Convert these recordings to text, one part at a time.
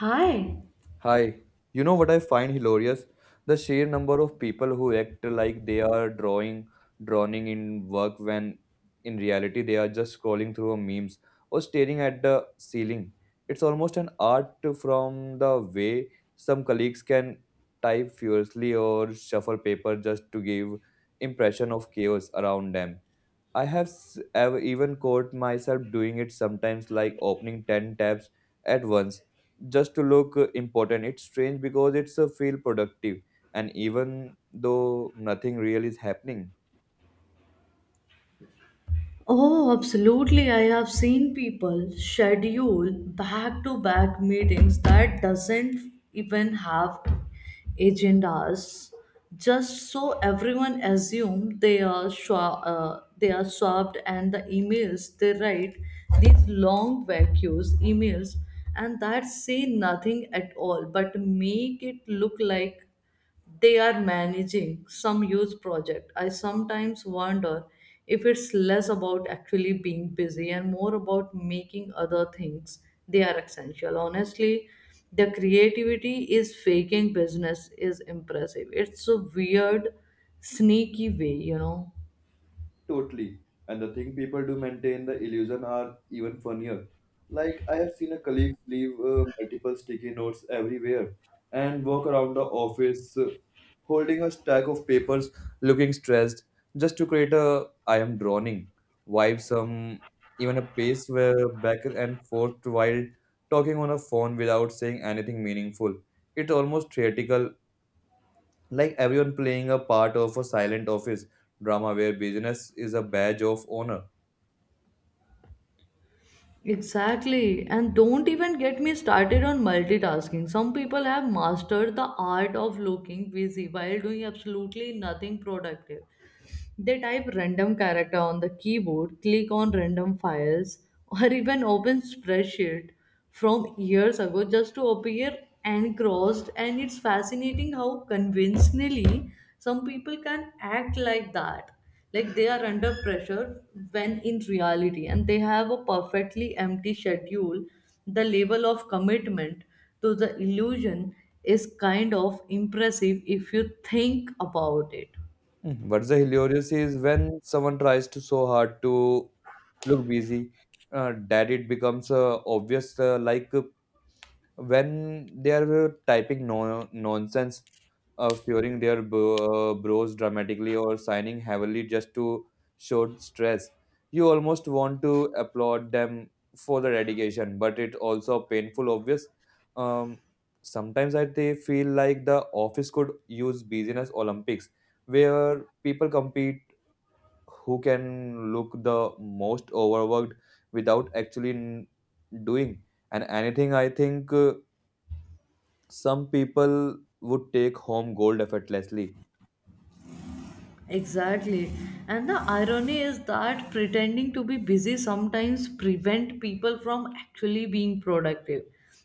Hi. Hi, you know what I find hilarious? The sheer number of people who act like they are drawing, drowning in work when in reality they are just scrolling through memes or staring at the ceiling. It's almost an art from the way some colleagues can type furiously or shuffle paper just to give impression of chaos around them. Ever even caught myself doing it sometimes, like opening 10 tabs at once just to look important. It's strange because it's a feel productive, and even though nothing real is happening. Oh, absolutely. I have seen people schedule back to back meetings that doesn't even have agendas just so everyone assume they are swapped and the emails they write these long vacuous emails and that say nothing at all but make it look like they are managing some huge project. I sometimes wonder if it's less about actually being busy and more about making other things they are essential. Honestly, the creativity is faking business is impressive. It's a weird, sneaky way, you know. Totally. And the thing people do maintain the illusion are even funnier. Like I have seen a colleague leave multiple sticky notes everywhere and walk around the office holding a stack of papers looking stressed just to create a I am drowning vibe some even a pace where back and forth while talking on a phone without saying anything meaningful. It's almost theatrical, like everyone playing a part of a silent office drama where business is a badge of honor. Exactly. And don't even get me started on multitasking. Some people have mastered the art of looking busy while doing absolutely nothing productive. They type random character on the keyboard, click on random files, or even open spreadsheet from years ago just to appear crossed. And it's fascinating how convincingly some people can act like that. Like they are under pressure when in reality, and they have a perfectly empty schedule. The level of commitment to the illusion is kind of impressive if you think about it. Mhm. But the hilarious is when someone tries to so hard to look busy that it becomes obvious, like when they are typing nonsense, furing their brows dramatically or signing heavily just to show stress. You almost want to applaud them for the dedication, but it also painful obvious. Um, Sometimes I they feel like the office could use business Olympics where people compete who can look the most overworked without actually doing and anything I think some people would take home gold effortlessly. Exactly. And the irony is that pretending to be busy sometimes prevent people from actually being productive.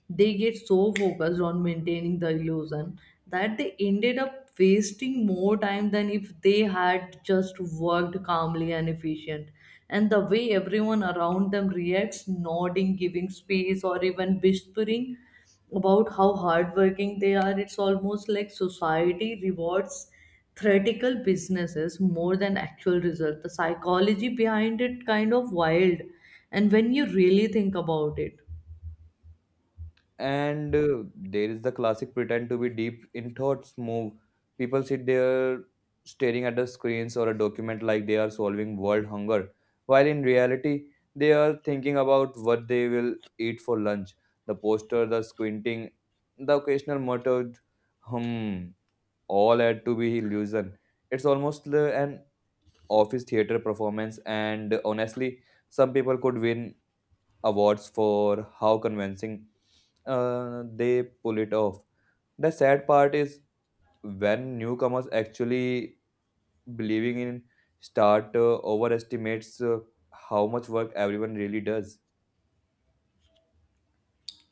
They get so focused on maintaining the illusion that they ended up wasting more time than if they had just worked calmly and efficient. And the way everyone around them reacts, nodding, giving space, or even whispering about how hardworking they are, it's almost like society rewards theoretical businesses more than actual result. The psychology behind it kind of wild. And when you really think about it. And there is the classic pretend to be deep in thoughts move. People sit there staring at the screens or a document like they are solving world hunger, while in reality, they are thinking about what they will eat for lunch. The poster, the squinting, the occasional muttered hmm, all add to be illusion. It's almost an office theater performance, and honestly, some people could win awards for how convincing they pull it off. The sad part is when newcomers actually believing in start overestimates how much work everyone really does.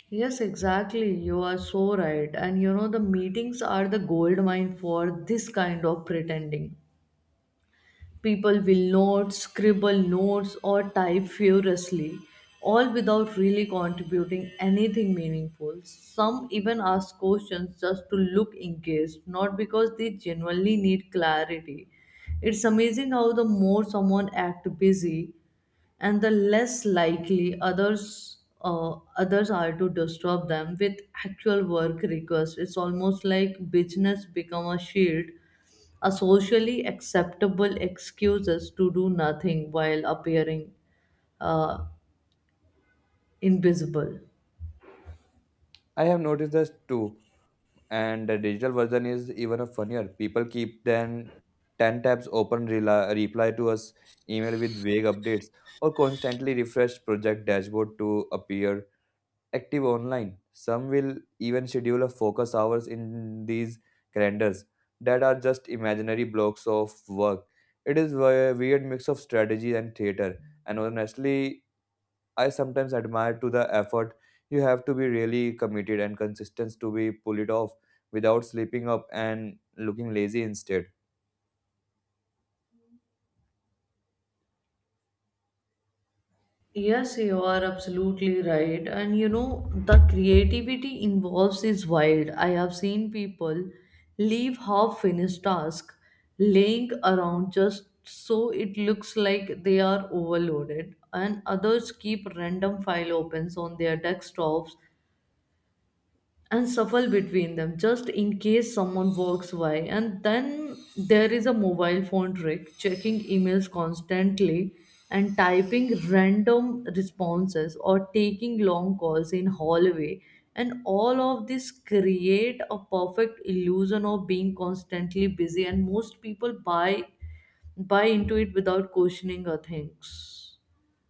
Yes, exactly. You are so right. And you know, the meetings are the gold mine for this kind of pretending. People will not scribble notes or type furiously, all without really contributing anything meaningful. Some even ask questions just to look engaged, not because they genuinely need clarity. It's amazing how the more someone acts busy, and the less likely others are to disturb them with actual work requests. It's almost like business become a shield a socially acceptable excuses to do nothing while appearing uh, invisible. I have noticed this too, and the digital version is even a funnier. People keep then 10 tabs open, reply to us email with vague updates, or constantly refresh project dashboard to appear active online. Some will even schedule a focus hours in these calendars that are just imaginary blocks of work. It is a weird mix of strategy and theater. And honestly, I sometimes admire to the effort. You have to be really committed and consistent to be pull it off without slipping up and looking lazy instead. Yes, you are absolutely right. And you know, the creativity involves is wild. I have seen people leave half finished task laying around just so it looks like they are overloaded, and others keep random file opens on their desktops and shuffle between them just in case someone walks by and then there is a mobile phone trick checking emails constantly and typing random responses or taking long calls in hallway and all of this create a perfect illusion of being constantly busy and most people buy into it without questioning our things.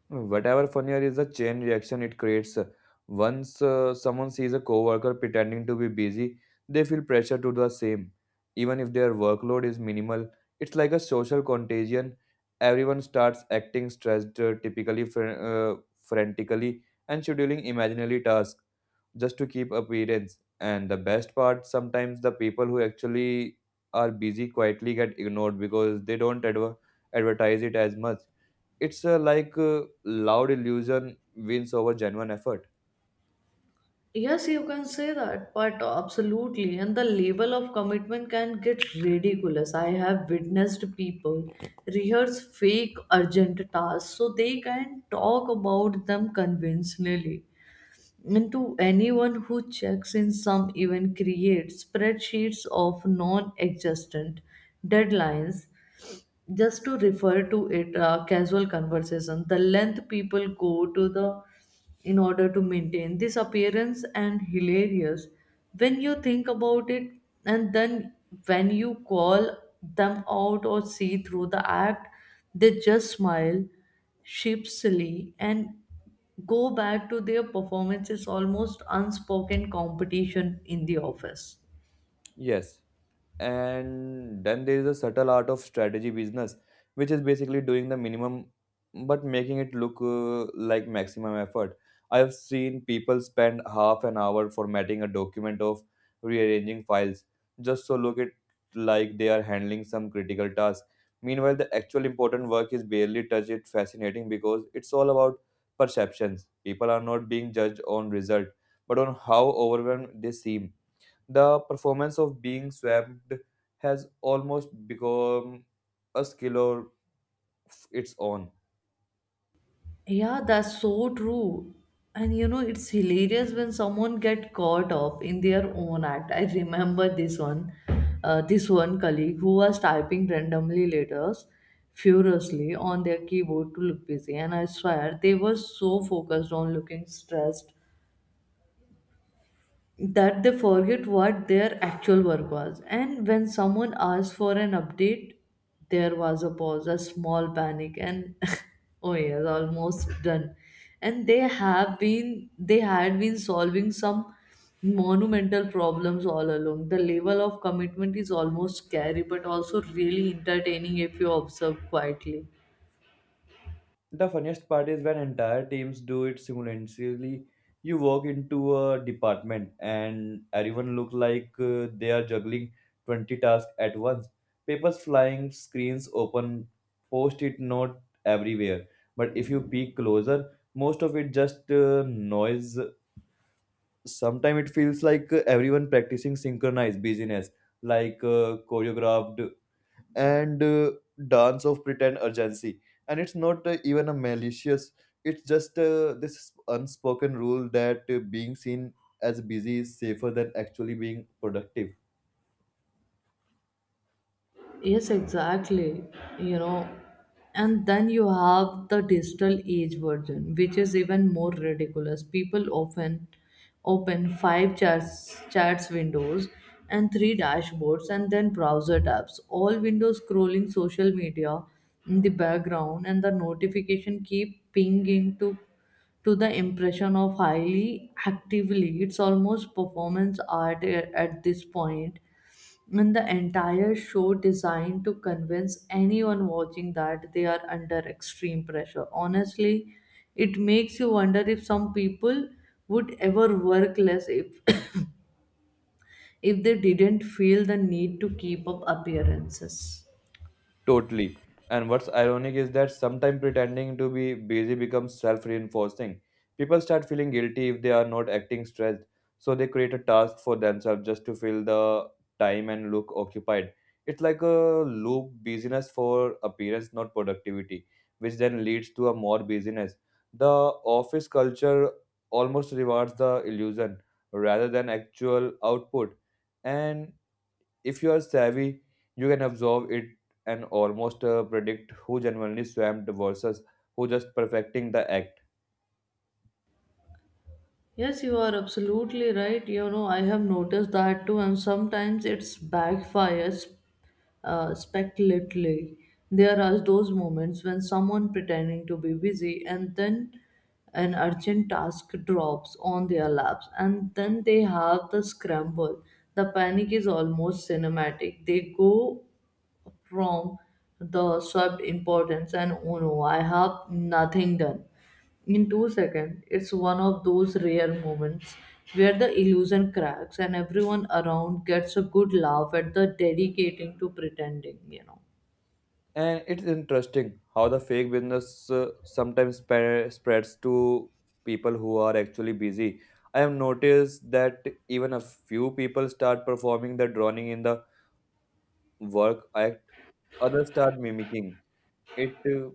Whatever funnier is the chain reaction it creates. Once someone sees a coworker pretending to be busy, they feel pressure to do the same. Even if their workload is minimal, it's like a social contagion. Everyone starts acting stressed, typically frantically, and scheduling imaginary tasks just to keep appearance. And the best part, sometimes the people who actually are busy quietly get ignored because they don't advertise it as much. It's like loud illusion wins over genuine effort. Yes, you can say that, but absolutely. And the level of commitment can get ridiculous. I have witnessed people rehearse fake urgent tasks so they can talk about them conventionally. And to anyone who checks in, some even creates spreadsheets of non existent deadlines just to refer to it casual conversation the length people go to the in order to maintain this appearance and hilarious when you think about it and then when you call them out or see through the act they just smile sheepishly and go back to their performances almost unspoken competition in the office. Yes. And then there is a subtle art of strategy business, which is basically doing the minimum but making it look like maximum effort. I have seen people spend half an hour formatting a document of rearranging files just so look it like they are handling some critical task. Meanwhile the actual important work is barely touched. It's fascinating because it's all about perceptions. People are not being judged on result but on how overwhelmed they seem. The performance of being swamped has almost become a skill of its own. Yeah, that's so true. And you know, it's hilarious when someone get caught up in their own act. I remember this one colleague who was typing randomly letters furiously on their keyboard to look busy. And I swear they were so focused on looking stressed that they forget what their actual work was. And when someone asked for an update, there was a pause, a small panic, and oh yes, almost done. And they had been solving some monumental problems all along. The level of commitment is almost scary, but also really entertaining if you observe quietly. The funniest part is when entire teams do it simultaneously. You walk into a department and everyone looks like they are juggling 20 tasks at once. Papers flying, screens open, post-it note everywhere. But if you peek closer, most of it just noise. Sometimes it feels like everyone practicing synchronized business, like choreographed and dance of pretend urgency. And it's not even a malicious, it's just this unspoken rule that being seen as busy is safer than actually being productive. Yes, exactly. You know, and then you have the digital age version, which is even more ridiculous. People often open five chats windows and three dashboards and then browser tabs. All windows scrolling social media in the background and the notification keep pinging to the impression of highly active leads. Almost performance art at this point and the entire show designed to convince anyone watching that they are under extreme pressure. Honestly, it makes you wonder if some people would ever work less if if they didn't feel the need to keep up appearances. Totally. And what's ironic is that sometimes pretending to be busy becomes self reinforcing. People start feeling guilty if they are not acting stressed, so they create a task for themselves just to fill the time and look occupied. It's like a loop busyness for appearance, not productivity, which then leads to a more busyness. The office culture almost rewards the illusion rather than actual output. And if you are savvy, you can observe it and almost predict who genuinely swamped versus who just perfecting the act. Yes, you are absolutely right. You know, I have noticed that too, and sometimes it's backfires speculatively. There are those moments when someone pretending to be busy and then an urgent task drops on their laps, and then they have the scramble. The panic is almost cinematic. They go from the sub importance and oh no, I have nothing done. In 2 seconds, it's one of those rare moments where the illusion cracks and everyone around gets a good laugh at the dedicating to pretending, you know. And it's interesting how the fake business sometimes spreads to people who are actually busy. I have noticed that even a few people start performing the drawing in the work act, others start mimicking it,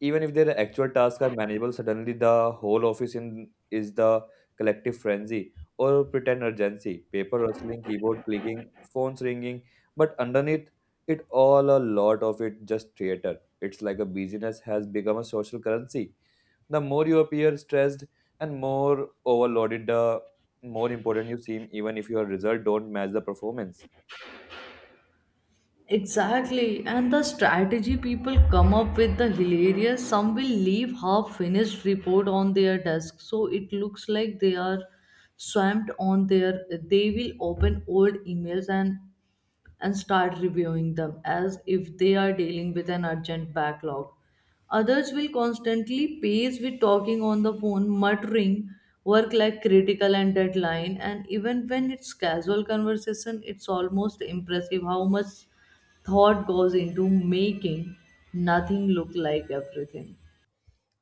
even if their actual tasks are manageable. Suddenly the whole office in is the collective frenzy or pretend urgency, paper rustling, keyboard clicking, phones ringing, but underneath it all a lot of it just theater. It's like a busyness has become a social currency. The more you appear stressed and more overloaded, the more important you seem, even if your result don't match the performance. Exactly, and the strategy people come up with the hilarious. Some will leave half finished report on their desk, so it looks like they are swamped on their. They will open old emails and start reviewing them as if they are dealing with an urgent backlog. Others will constantly pace with talking on the phone, muttering work like critical and deadline. And even when it's casual conversation, it's almost impressive how much thought goes into making nothing look like everything.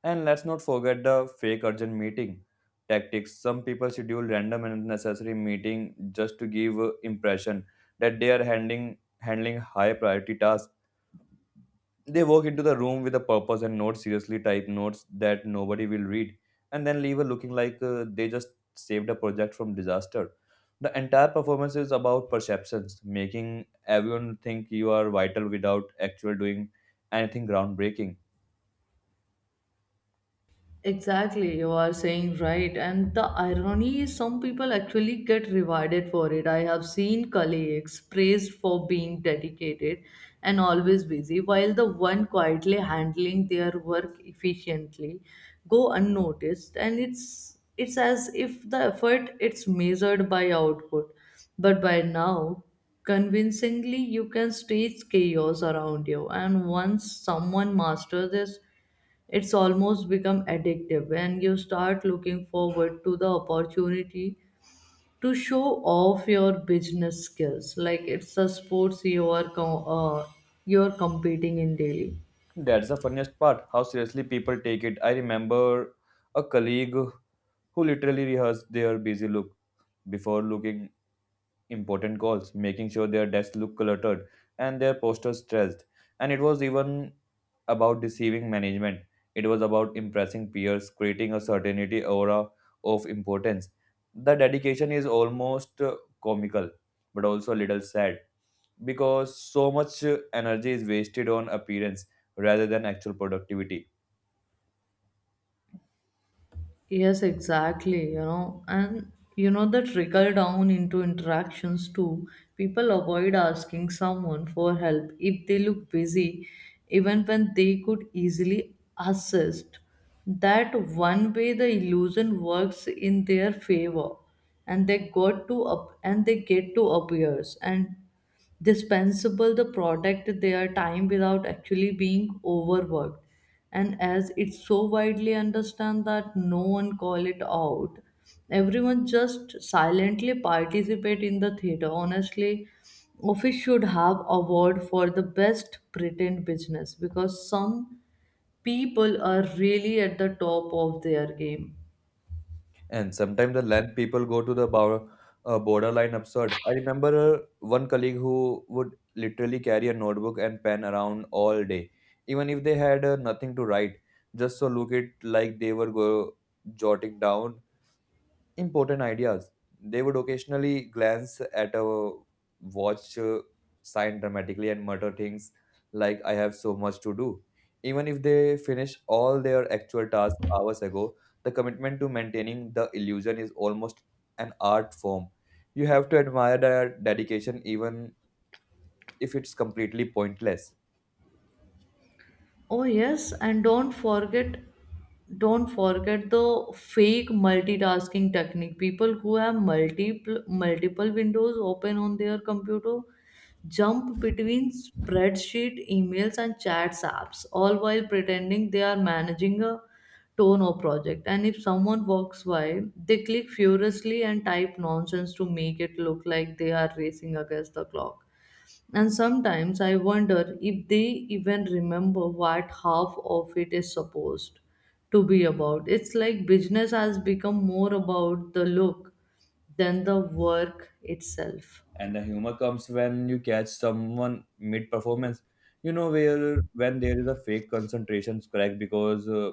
And let's not forget the fake urgent meeting tactics. Some people schedule random and unnecessary meeting just to give impression that they are handling high priority tasks. They walk into the room with a purpose and not seriously type notes that nobody will read, and then leave a looking like they just saved a project from disaster. The entire performance is about perceptions, making everyone think you are vital without actually doing anything groundbreaking. Exactly, you are saying right. And the irony is, some people actually get rewarded for it. I have seen colleagues praised for being dedicated and always busy, while the one quietly handling their work efficiently go unnoticed. And it's as if the effort it's measured by output. But by now, convincingly, you can stage chaos around you. And once someone masters this it's almost become addictive when you start looking forward to the opportunity to show off your business skills like it's a sports you are you're competing in daily. That's the funniest part, how seriously people take it. I remember a colleague who literally rehearsed their busy look before looking important calls, making sure their desk looked cluttered and their posters stressed. And it was even about deceiving management. It was about impressing peers, creating a certainty aura of importance. The dedication is almost comical, but also a little sad because so much energy is wasted on appearance rather than actual productivity. Yes, exactly. You know, and you know the trickle down into interactions too. People avoid asking someone for help if they look busy, even when they could easily assist. That one way the illusion works in their favor, and they got to up and they get to appears and dispensable the product their time without actually being overworked and as it's so widely understood that no one call it out everyone just silently participate in the theater honestly office should have award for the best pretend business because some people are really at the top of their game. And sometimes the length people go to the borderline absurd. I remember one colleague who would literally carry a notebook and pen around all day, even if they had nothing to write, just so look it like they were jotting down important ideas. They would occasionally glance at a watch, sign dramatically and mutter things like, "I have so much to do." Even if they finish all their actual tasks hours ago, the commitment to maintaining the illusion is almost an art form. You have to admire their dedication even if it's completely pointless. Oh yes, and don't forget the fake multitasking technique. People who have multiple windows open on their computer jump between spreadsheet, emails and chats apps, all while pretending they are managing a tone or project. And if someone walks by, they click furiously and type nonsense to make it look like they are racing against the clock. And sometimes I wonder if they even remember what half of it is supposed to be about. It's like business has become more about the look than the work itself. And the humor comes when you catch someone mid performance, you know, where when there is a fake concentration crack because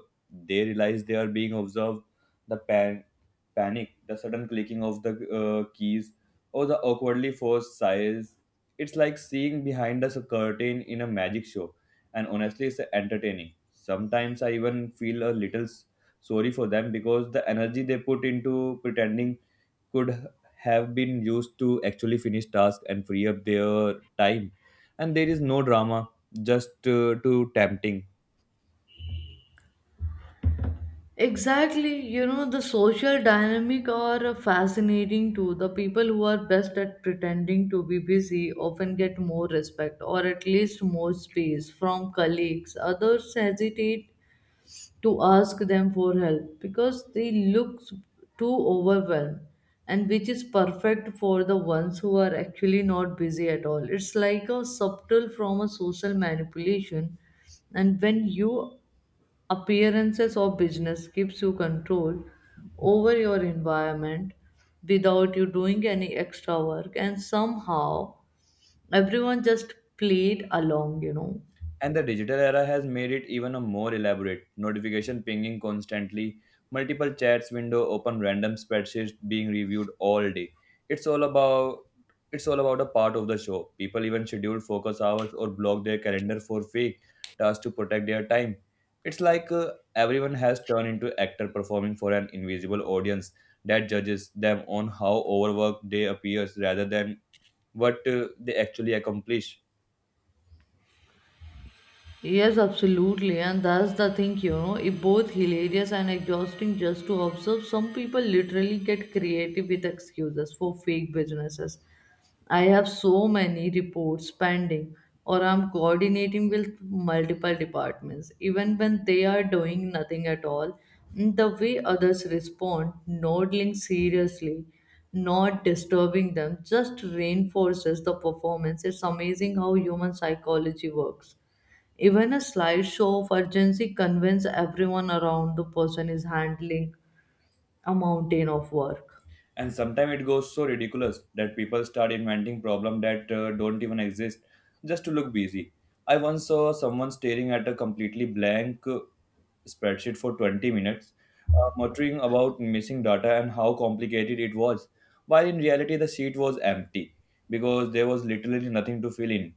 they realize they are being observed, the panic, the sudden clicking of the keys or the awkwardly forced sighs. It's like seeing behind us a curtain in a magic show, and honestly it's entertaining. Sometimes I even feel a little sorry for them because the energy they put into pretending could have been used to actually finish tasks and free up their time. And there is no drama, just too tempting. Exactly, you know, the social dynamic are fascinating too. The people who are best at pretending to be busy often get more respect or at least more space from colleagues. Others hesitate to ask them for help because they look s- too overwhelmed and which is perfect for the ones who are actually not busy at all it's like a subtle from a social manipulation and when you appearances or business gives you control over your environment without you doing any extra work and somehow everyone just played along you know. And the digital era has made it even a more elaborate. Notification pinging constantly, multiple chats window open, random spreadsheets being reviewed all day. It's all about it's all about a part of the show. People even schedule focus hours or block their calendar for fake tasks to protect their time. It's like everyone has turned into actor performing for an invisible audience that judges them on how overworked they appears rather than what they actually accomplish. Yes, absolutely, and that's the thing, you know, it's both hilarious and exhausting just to observe. Some people literally get creative with excuses for fake businesses. I have so many reports pending, or I'm coordinating with multiple departments, even when they are doing nothing at all. The way others respond, nodding seriously, not disturbing them, just reinforces the performance. It's amazing how human psychology works. Even a slideshow of urgency convinces everyone around the person is handling a mountain of work. And sometimes it goes so ridiculous that people start inventing problems that don't even exist just to look busy. I once saw someone staring at a completely blank spreadsheet for 20 minutes, muttering about missing data and how complicated it was, while in reality the sheet was empty because there was literally nothing to fill in.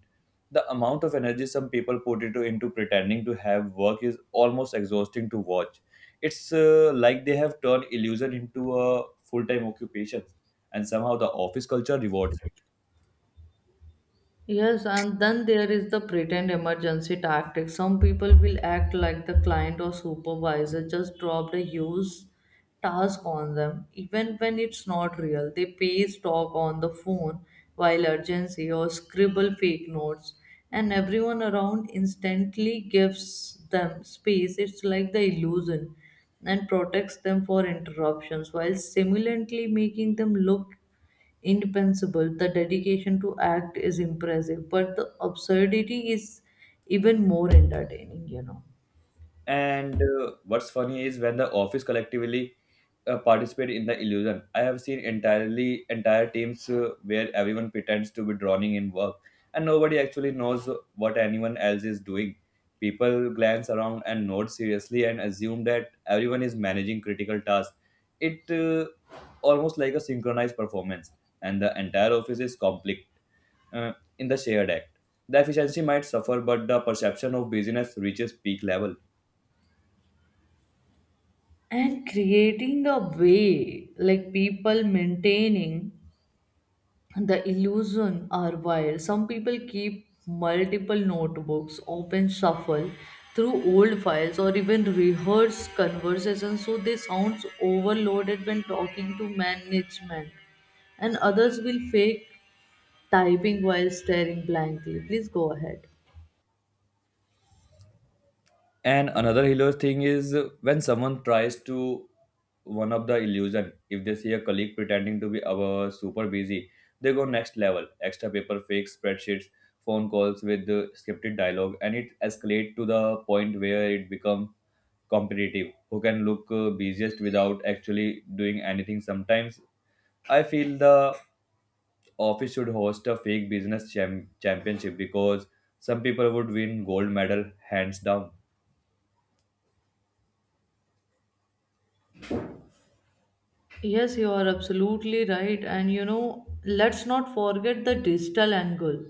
The amount of energy some people put into pretending to have work is almost exhausting to watch. It's like they have turned illusion into a full time occupation, and somehow the office culture rewards it. Yes, and then there is the pretend emergency tactic. Some people will act like the client or supervisor just dropped a huge task on them, even when it's not real. They paste talk on the phone while urgency or scribble fake notes, and everyone around instantly gives them space. It's like the illusion and protects them for interruptions while simultaneously making them look indispensable. The dedication to act is impressive, but the absurdity is even more entertaining, you know. And what's funny is when the office collectively participate in the illusion. I have seen entirely entire teams where everyone pretends to be drowning in work, and nobody actually knows what anyone else is doing. People glance around and nod seriously and assume that everyone is managing critical tasks. It almost like a synchronized performance, and the entire office is conflict uh, in the shared act. The efficiency might suffer, but the perception of busyness reaches peak level. And creating a way, like people maintaining the illusion are wild. Some people keep multiple notebooks, open shuffle through old files, or even rehearse conversations so they sound overloaded when talking to management and others will fake typing while staring blankly. Please go ahead. And another hilarious thing is when someone tries to one up the illusion. If they see a colleague pretending to be our super busy, they go next level. Extra paper fake spreadsheets, phone calls with the scripted dialogue, and it escalates to the point where it becomes competitive. Who can look busiest without actually doing anything? Sometimes I feel the office should host a fake business championship because some people would win gold medal hands down. Yes, you are absolutely right. And you know, let's not forget the digital angle.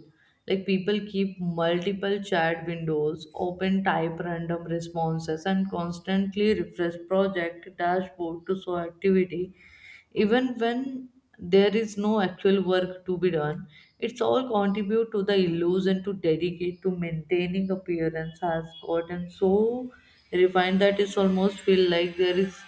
Like people keep multiple chat windows open, type random responses, and constantly refresh project dashboard to show activity. Even when there is no actual work to be done, it's all contribute to the illusion to dedicate to maintaining appearance has gotten so refined that it's almost feel like there is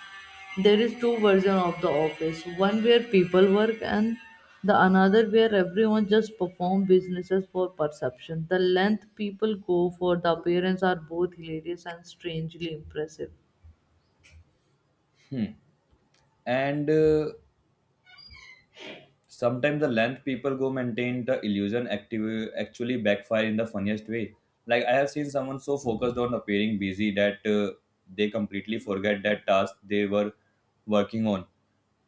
there is two version of the office, one where people work and the another where everyone just perform businesses for perception. The length people go for the appearance are both hilarious and strangely impressive. And Sometimes the length people go maintain the illusion active, actually backfire in the funniest way. Like I have seen someone so focused on appearing busy that they completely forget that task they were working on.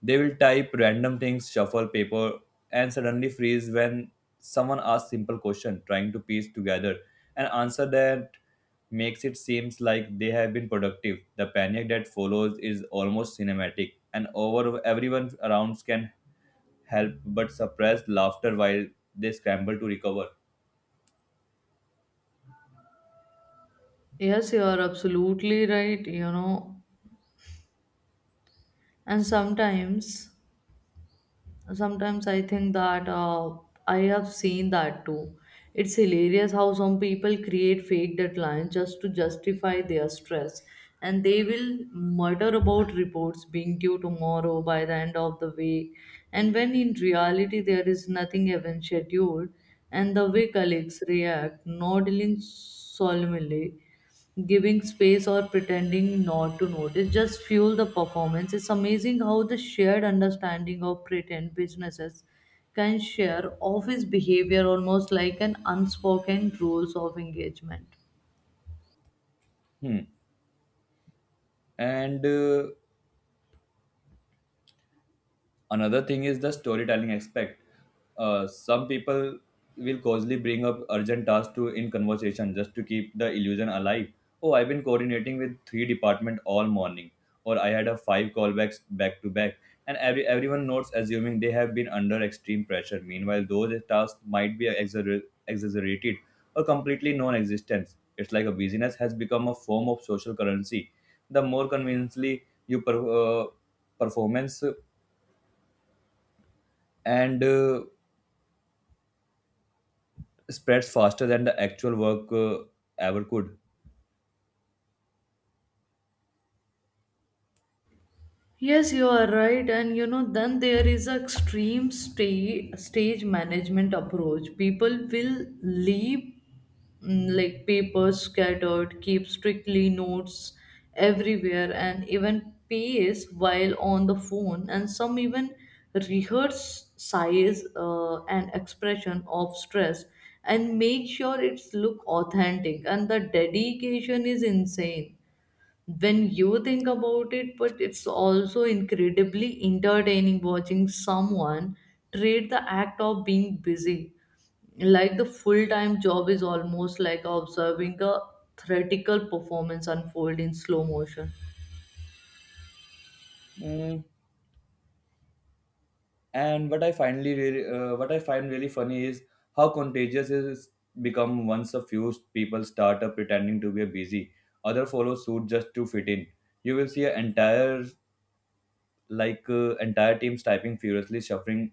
They will type random things, shuffle paper, and suddenly freeze when someone asks simple question, trying to piece together an answer that makes it seems like they have been productive. The panic that follows is almost cinematic, and over everyone around can help but suppress laughter while they scramble to recover. Yes, you are absolutely right, you know. And sometimes I think that I have seen that too. It's hilarious how some people create fake deadlines just to justify their stress, and they will mutter about reports being due tomorrow by the end of the week, and when in reality there is nothing even scheduled, and the way colleagues react nodding solemnly, giving space or pretending not to notice just fuel the performance. It's amazing how the shared understanding of pretend businesses can share office behavior almost like an unspoken rules of engagement. Hmm. And Another thing is the storytelling aspect. Some people will causally bring up urgent tasks to in conversation just to keep the illusion alive. Oh, I've been coordinating with 3 department all morning, or I had a 5 callbacks back to back, and everyone notes assuming they have been under extreme pressure. Meanwhile those tasks might be exaggerated or completely non-existent. It's like a busyness has become a form of social currency. The more conveniently you uh, performance, and spreads faster than the actual work ever could. Yes, you are right. And you know, then there is a extreme stage management approach. People will leave like papers scattered, keep strictly notes everywhere, and even pace while on the phone. And some even rehearse size and expression of stress and make sure it's look authentic. And the dedication is insane when you think about it, but it's also incredibly entertaining watching someone treat the act of being busy like the full time job is almost like observing a theatrical performance unfold in slow motion. Mm, And what I find really funny is how contagious it has become once a few people start up pretending to be busy. Other follow suit just to fit in. You will see an entire entire teams typing furiously, shuffling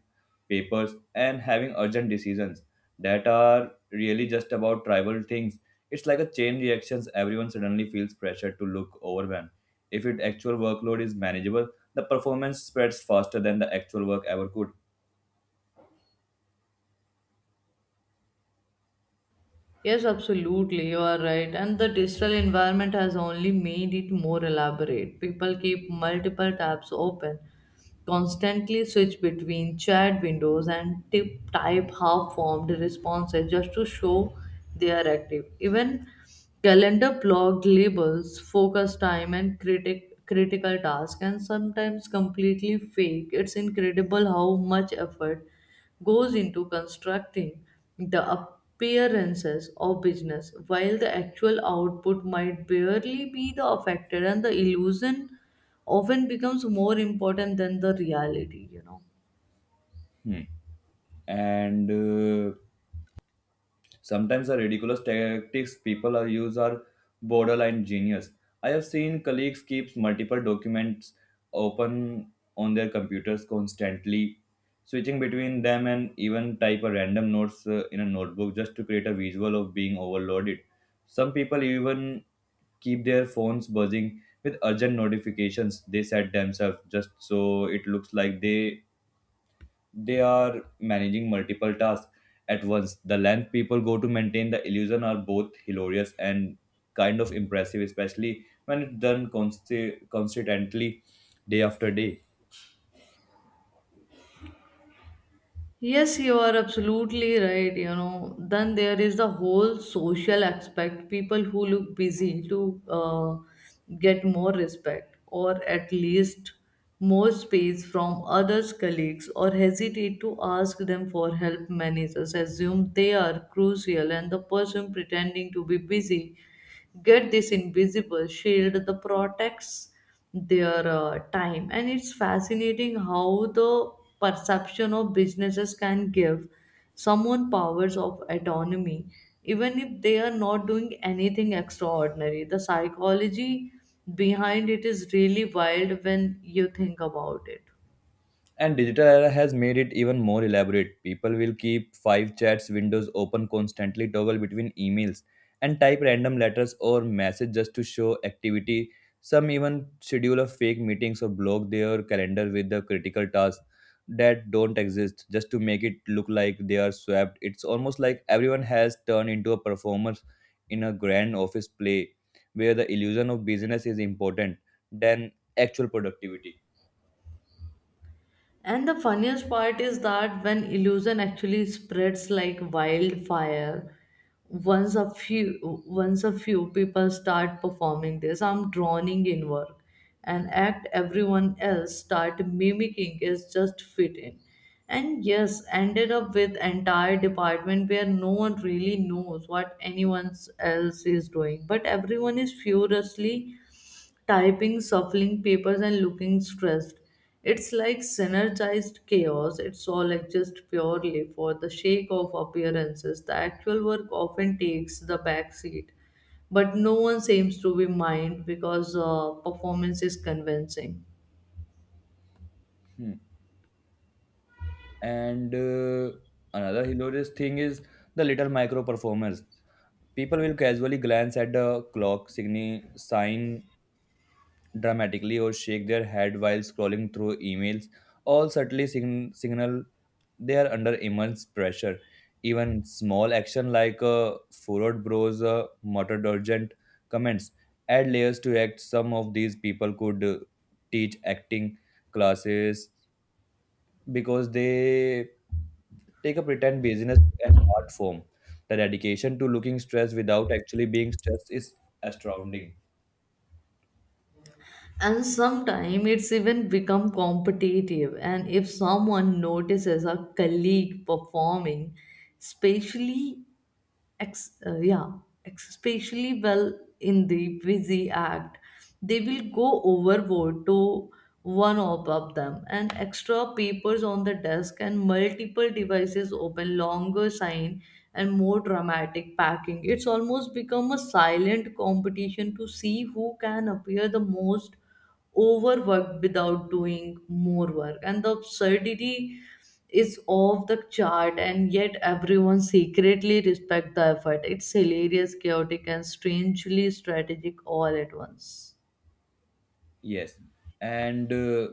papers, and having urgent decisions that are really just about trivial things. It's like a chain reactions. Everyone suddenly feels pressure to look overwhelmed. If its actual workload is manageable, the performance spreads faster than the actual work ever could. Yes, absolutely, you are right. And the digital environment has only made it more elaborate. People keep multiple tabs open, constantly switch between chat windows, and tip type half formed responses just to show they are active. Even calendar blocked labels, focus time, and critical task, and sometimes completely fake. It's incredible how much effort goes into constructing the appearances of business, while the actual output might barely be the affected, and the illusion often becomes more important than the reality, you know. Hmm. And Sometimes the ridiculous tactics people are use are borderline genius. I have seen colleagues keep multiple documents open on their computers constantly, switching between them and even type a random notes in a notebook just to create a visual of being overloaded. Some people even keep their phones buzzing with urgent notifications they set themselves just so it looks like they are managing multiple tasks at once. The length people go to maintain the illusion are both hilarious and kind of impressive, especially when it's done consistently day after day. Yes, you are absolutely right. You know, then there is the whole social aspect. People who look busy to get more respect or at least more space from others' colleagues or hesitate to ask them for help. Managers assume they are crucial, and the person pretending to be busy get this invisible shield that protects their time. And it's fascinating how the perception of businesses can give someone powers of autonomy even if they are not doing anything extraordinary. The psychology behind it is really wild when you think about it. And digital era has made it even more elaborate. People will keep 5 chats windows open constantly, toggle between emails, and type random letters or message just to show activity. Some even schedule a fake meetings or block their calendar with the critical tasks that don't exist just to make it look like they are swapped. It's almost like everyone has turned into a performer in a grand office play where the illusion of business is important than actual productivity. And the funniest part is that when illusion actually spreads like wildfire, once a few once a few people start performing this, I'm drowning in work. An act everyone else start mimicking is just fit in. And yes, ended up with entire department where no one really knows what anyone else is doing, but everyone is furiously typing, shuffling papers, and looking stressed. It's like synergized chaos. It's all exist purely for the sake of appearances. The actual work often takes the back seat, but no one seems to be mind because performance is convincing. Hmm. And Another hilarious thing is the little micro performers. People will casually glance at the clock, sign dramatically, or shake their head while scrolling through emails, all subtly signal they are under immense pressure. Even small action like a furrowed brows, muttered urgent comments add layers to act. Some of these people could teach acting classes because they take a pretend business an art form. The dedication to looking stressed without actually being stressed is astounding. And sometimes it's even become competitive, and if someone notices a colleague performing especially yeah, especially well in the busy act, they will go overboard to one above them, and extra papers on the desk, and multiple devices open, longer sign, and more dramatic packing. It's almost become a silent competition to see who can appear the most overworked without doing more work. And the absurdity is off the chart, and yet everyone secretly respect the effort. It's hilarious, chaotic, and strangely strategic all at once. Yes. And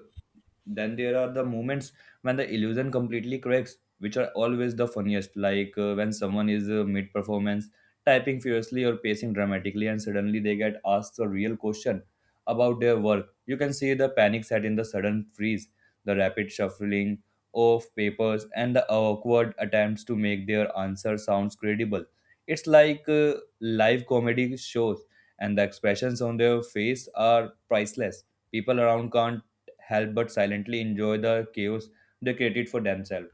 Then there are the moments when the illusion completely cracks, which are always the funniest, like when someone is mid performance, typing furiously or pacing dramatically, and suddenly they get asked a real question about their work. You can see the panic set in the sudden freeze, the rapid shuffling of papers, and the awkward attempts to make their answer sounds credible. It's like live comedy shows, and the expressions on their face are priceless. People around can't help but silently enjoy the chaos they created for themselves.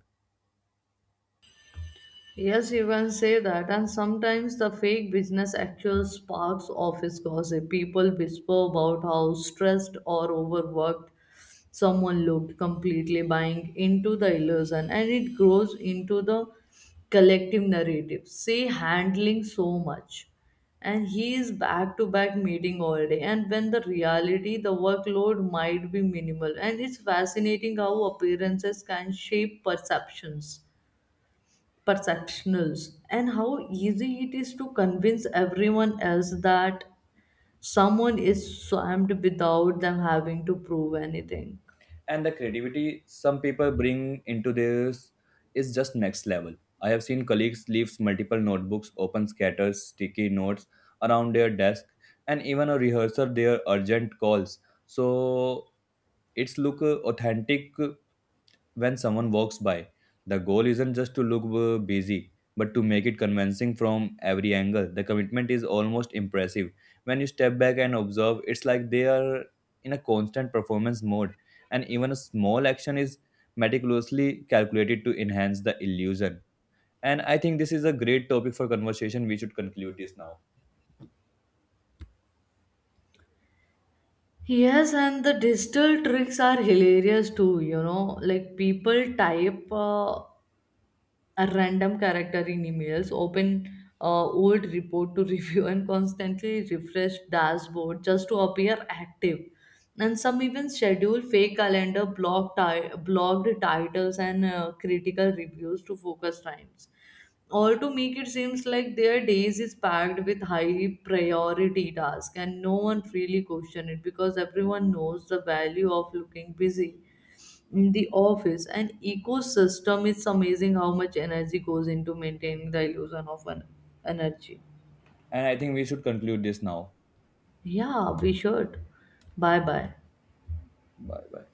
Yes, you can say that. And sometimes the fake business actual sparks office gossip. People whisper about how stressed or overworked someone looked, completely buying into the illusion, and it grows into the collective narrative. Say handling so much. And he is back to back meeting all day. And when the reality, the workload might be minimal. And it's fascinating how appearances can shape perceptions perceptionals and how easy it is to convince everyone else that someone is swamped without them having to prove anything. And the creativity some people bring into this is just next level. I have seen colleagues leave multiple notebooks open scatters sticky notes around their desk, and even a rehearsal their urgent calls, so it's look authentic when someone walks by. The goal isn't just to look busy, but to make it convincing from every angle. The commitment is almost impressive when you step back and observe. It's like they are in a constant performance mode, and even a small action is meticulously calculated to enhance the illusion. And I think this is a great topic for conversation. We should conclude this now. Yes, and the digital tricks are hilarious too, you know, like people type. A random character in emails, open old report to review, and constantly refresh dashboard just to appear active. And some even schedule fake calendar, blocked titles, and critical reviews to focus times. All to make it seems like their days is packed with high priority tasks, and no one really question it because everyone knows the value of looking busy in the office an ecosystem. It's amazing how much energy goes into maintaining the illusion of an energy. And I think we should conclude this now. Yeah, we should. Bye bye. Bye bye.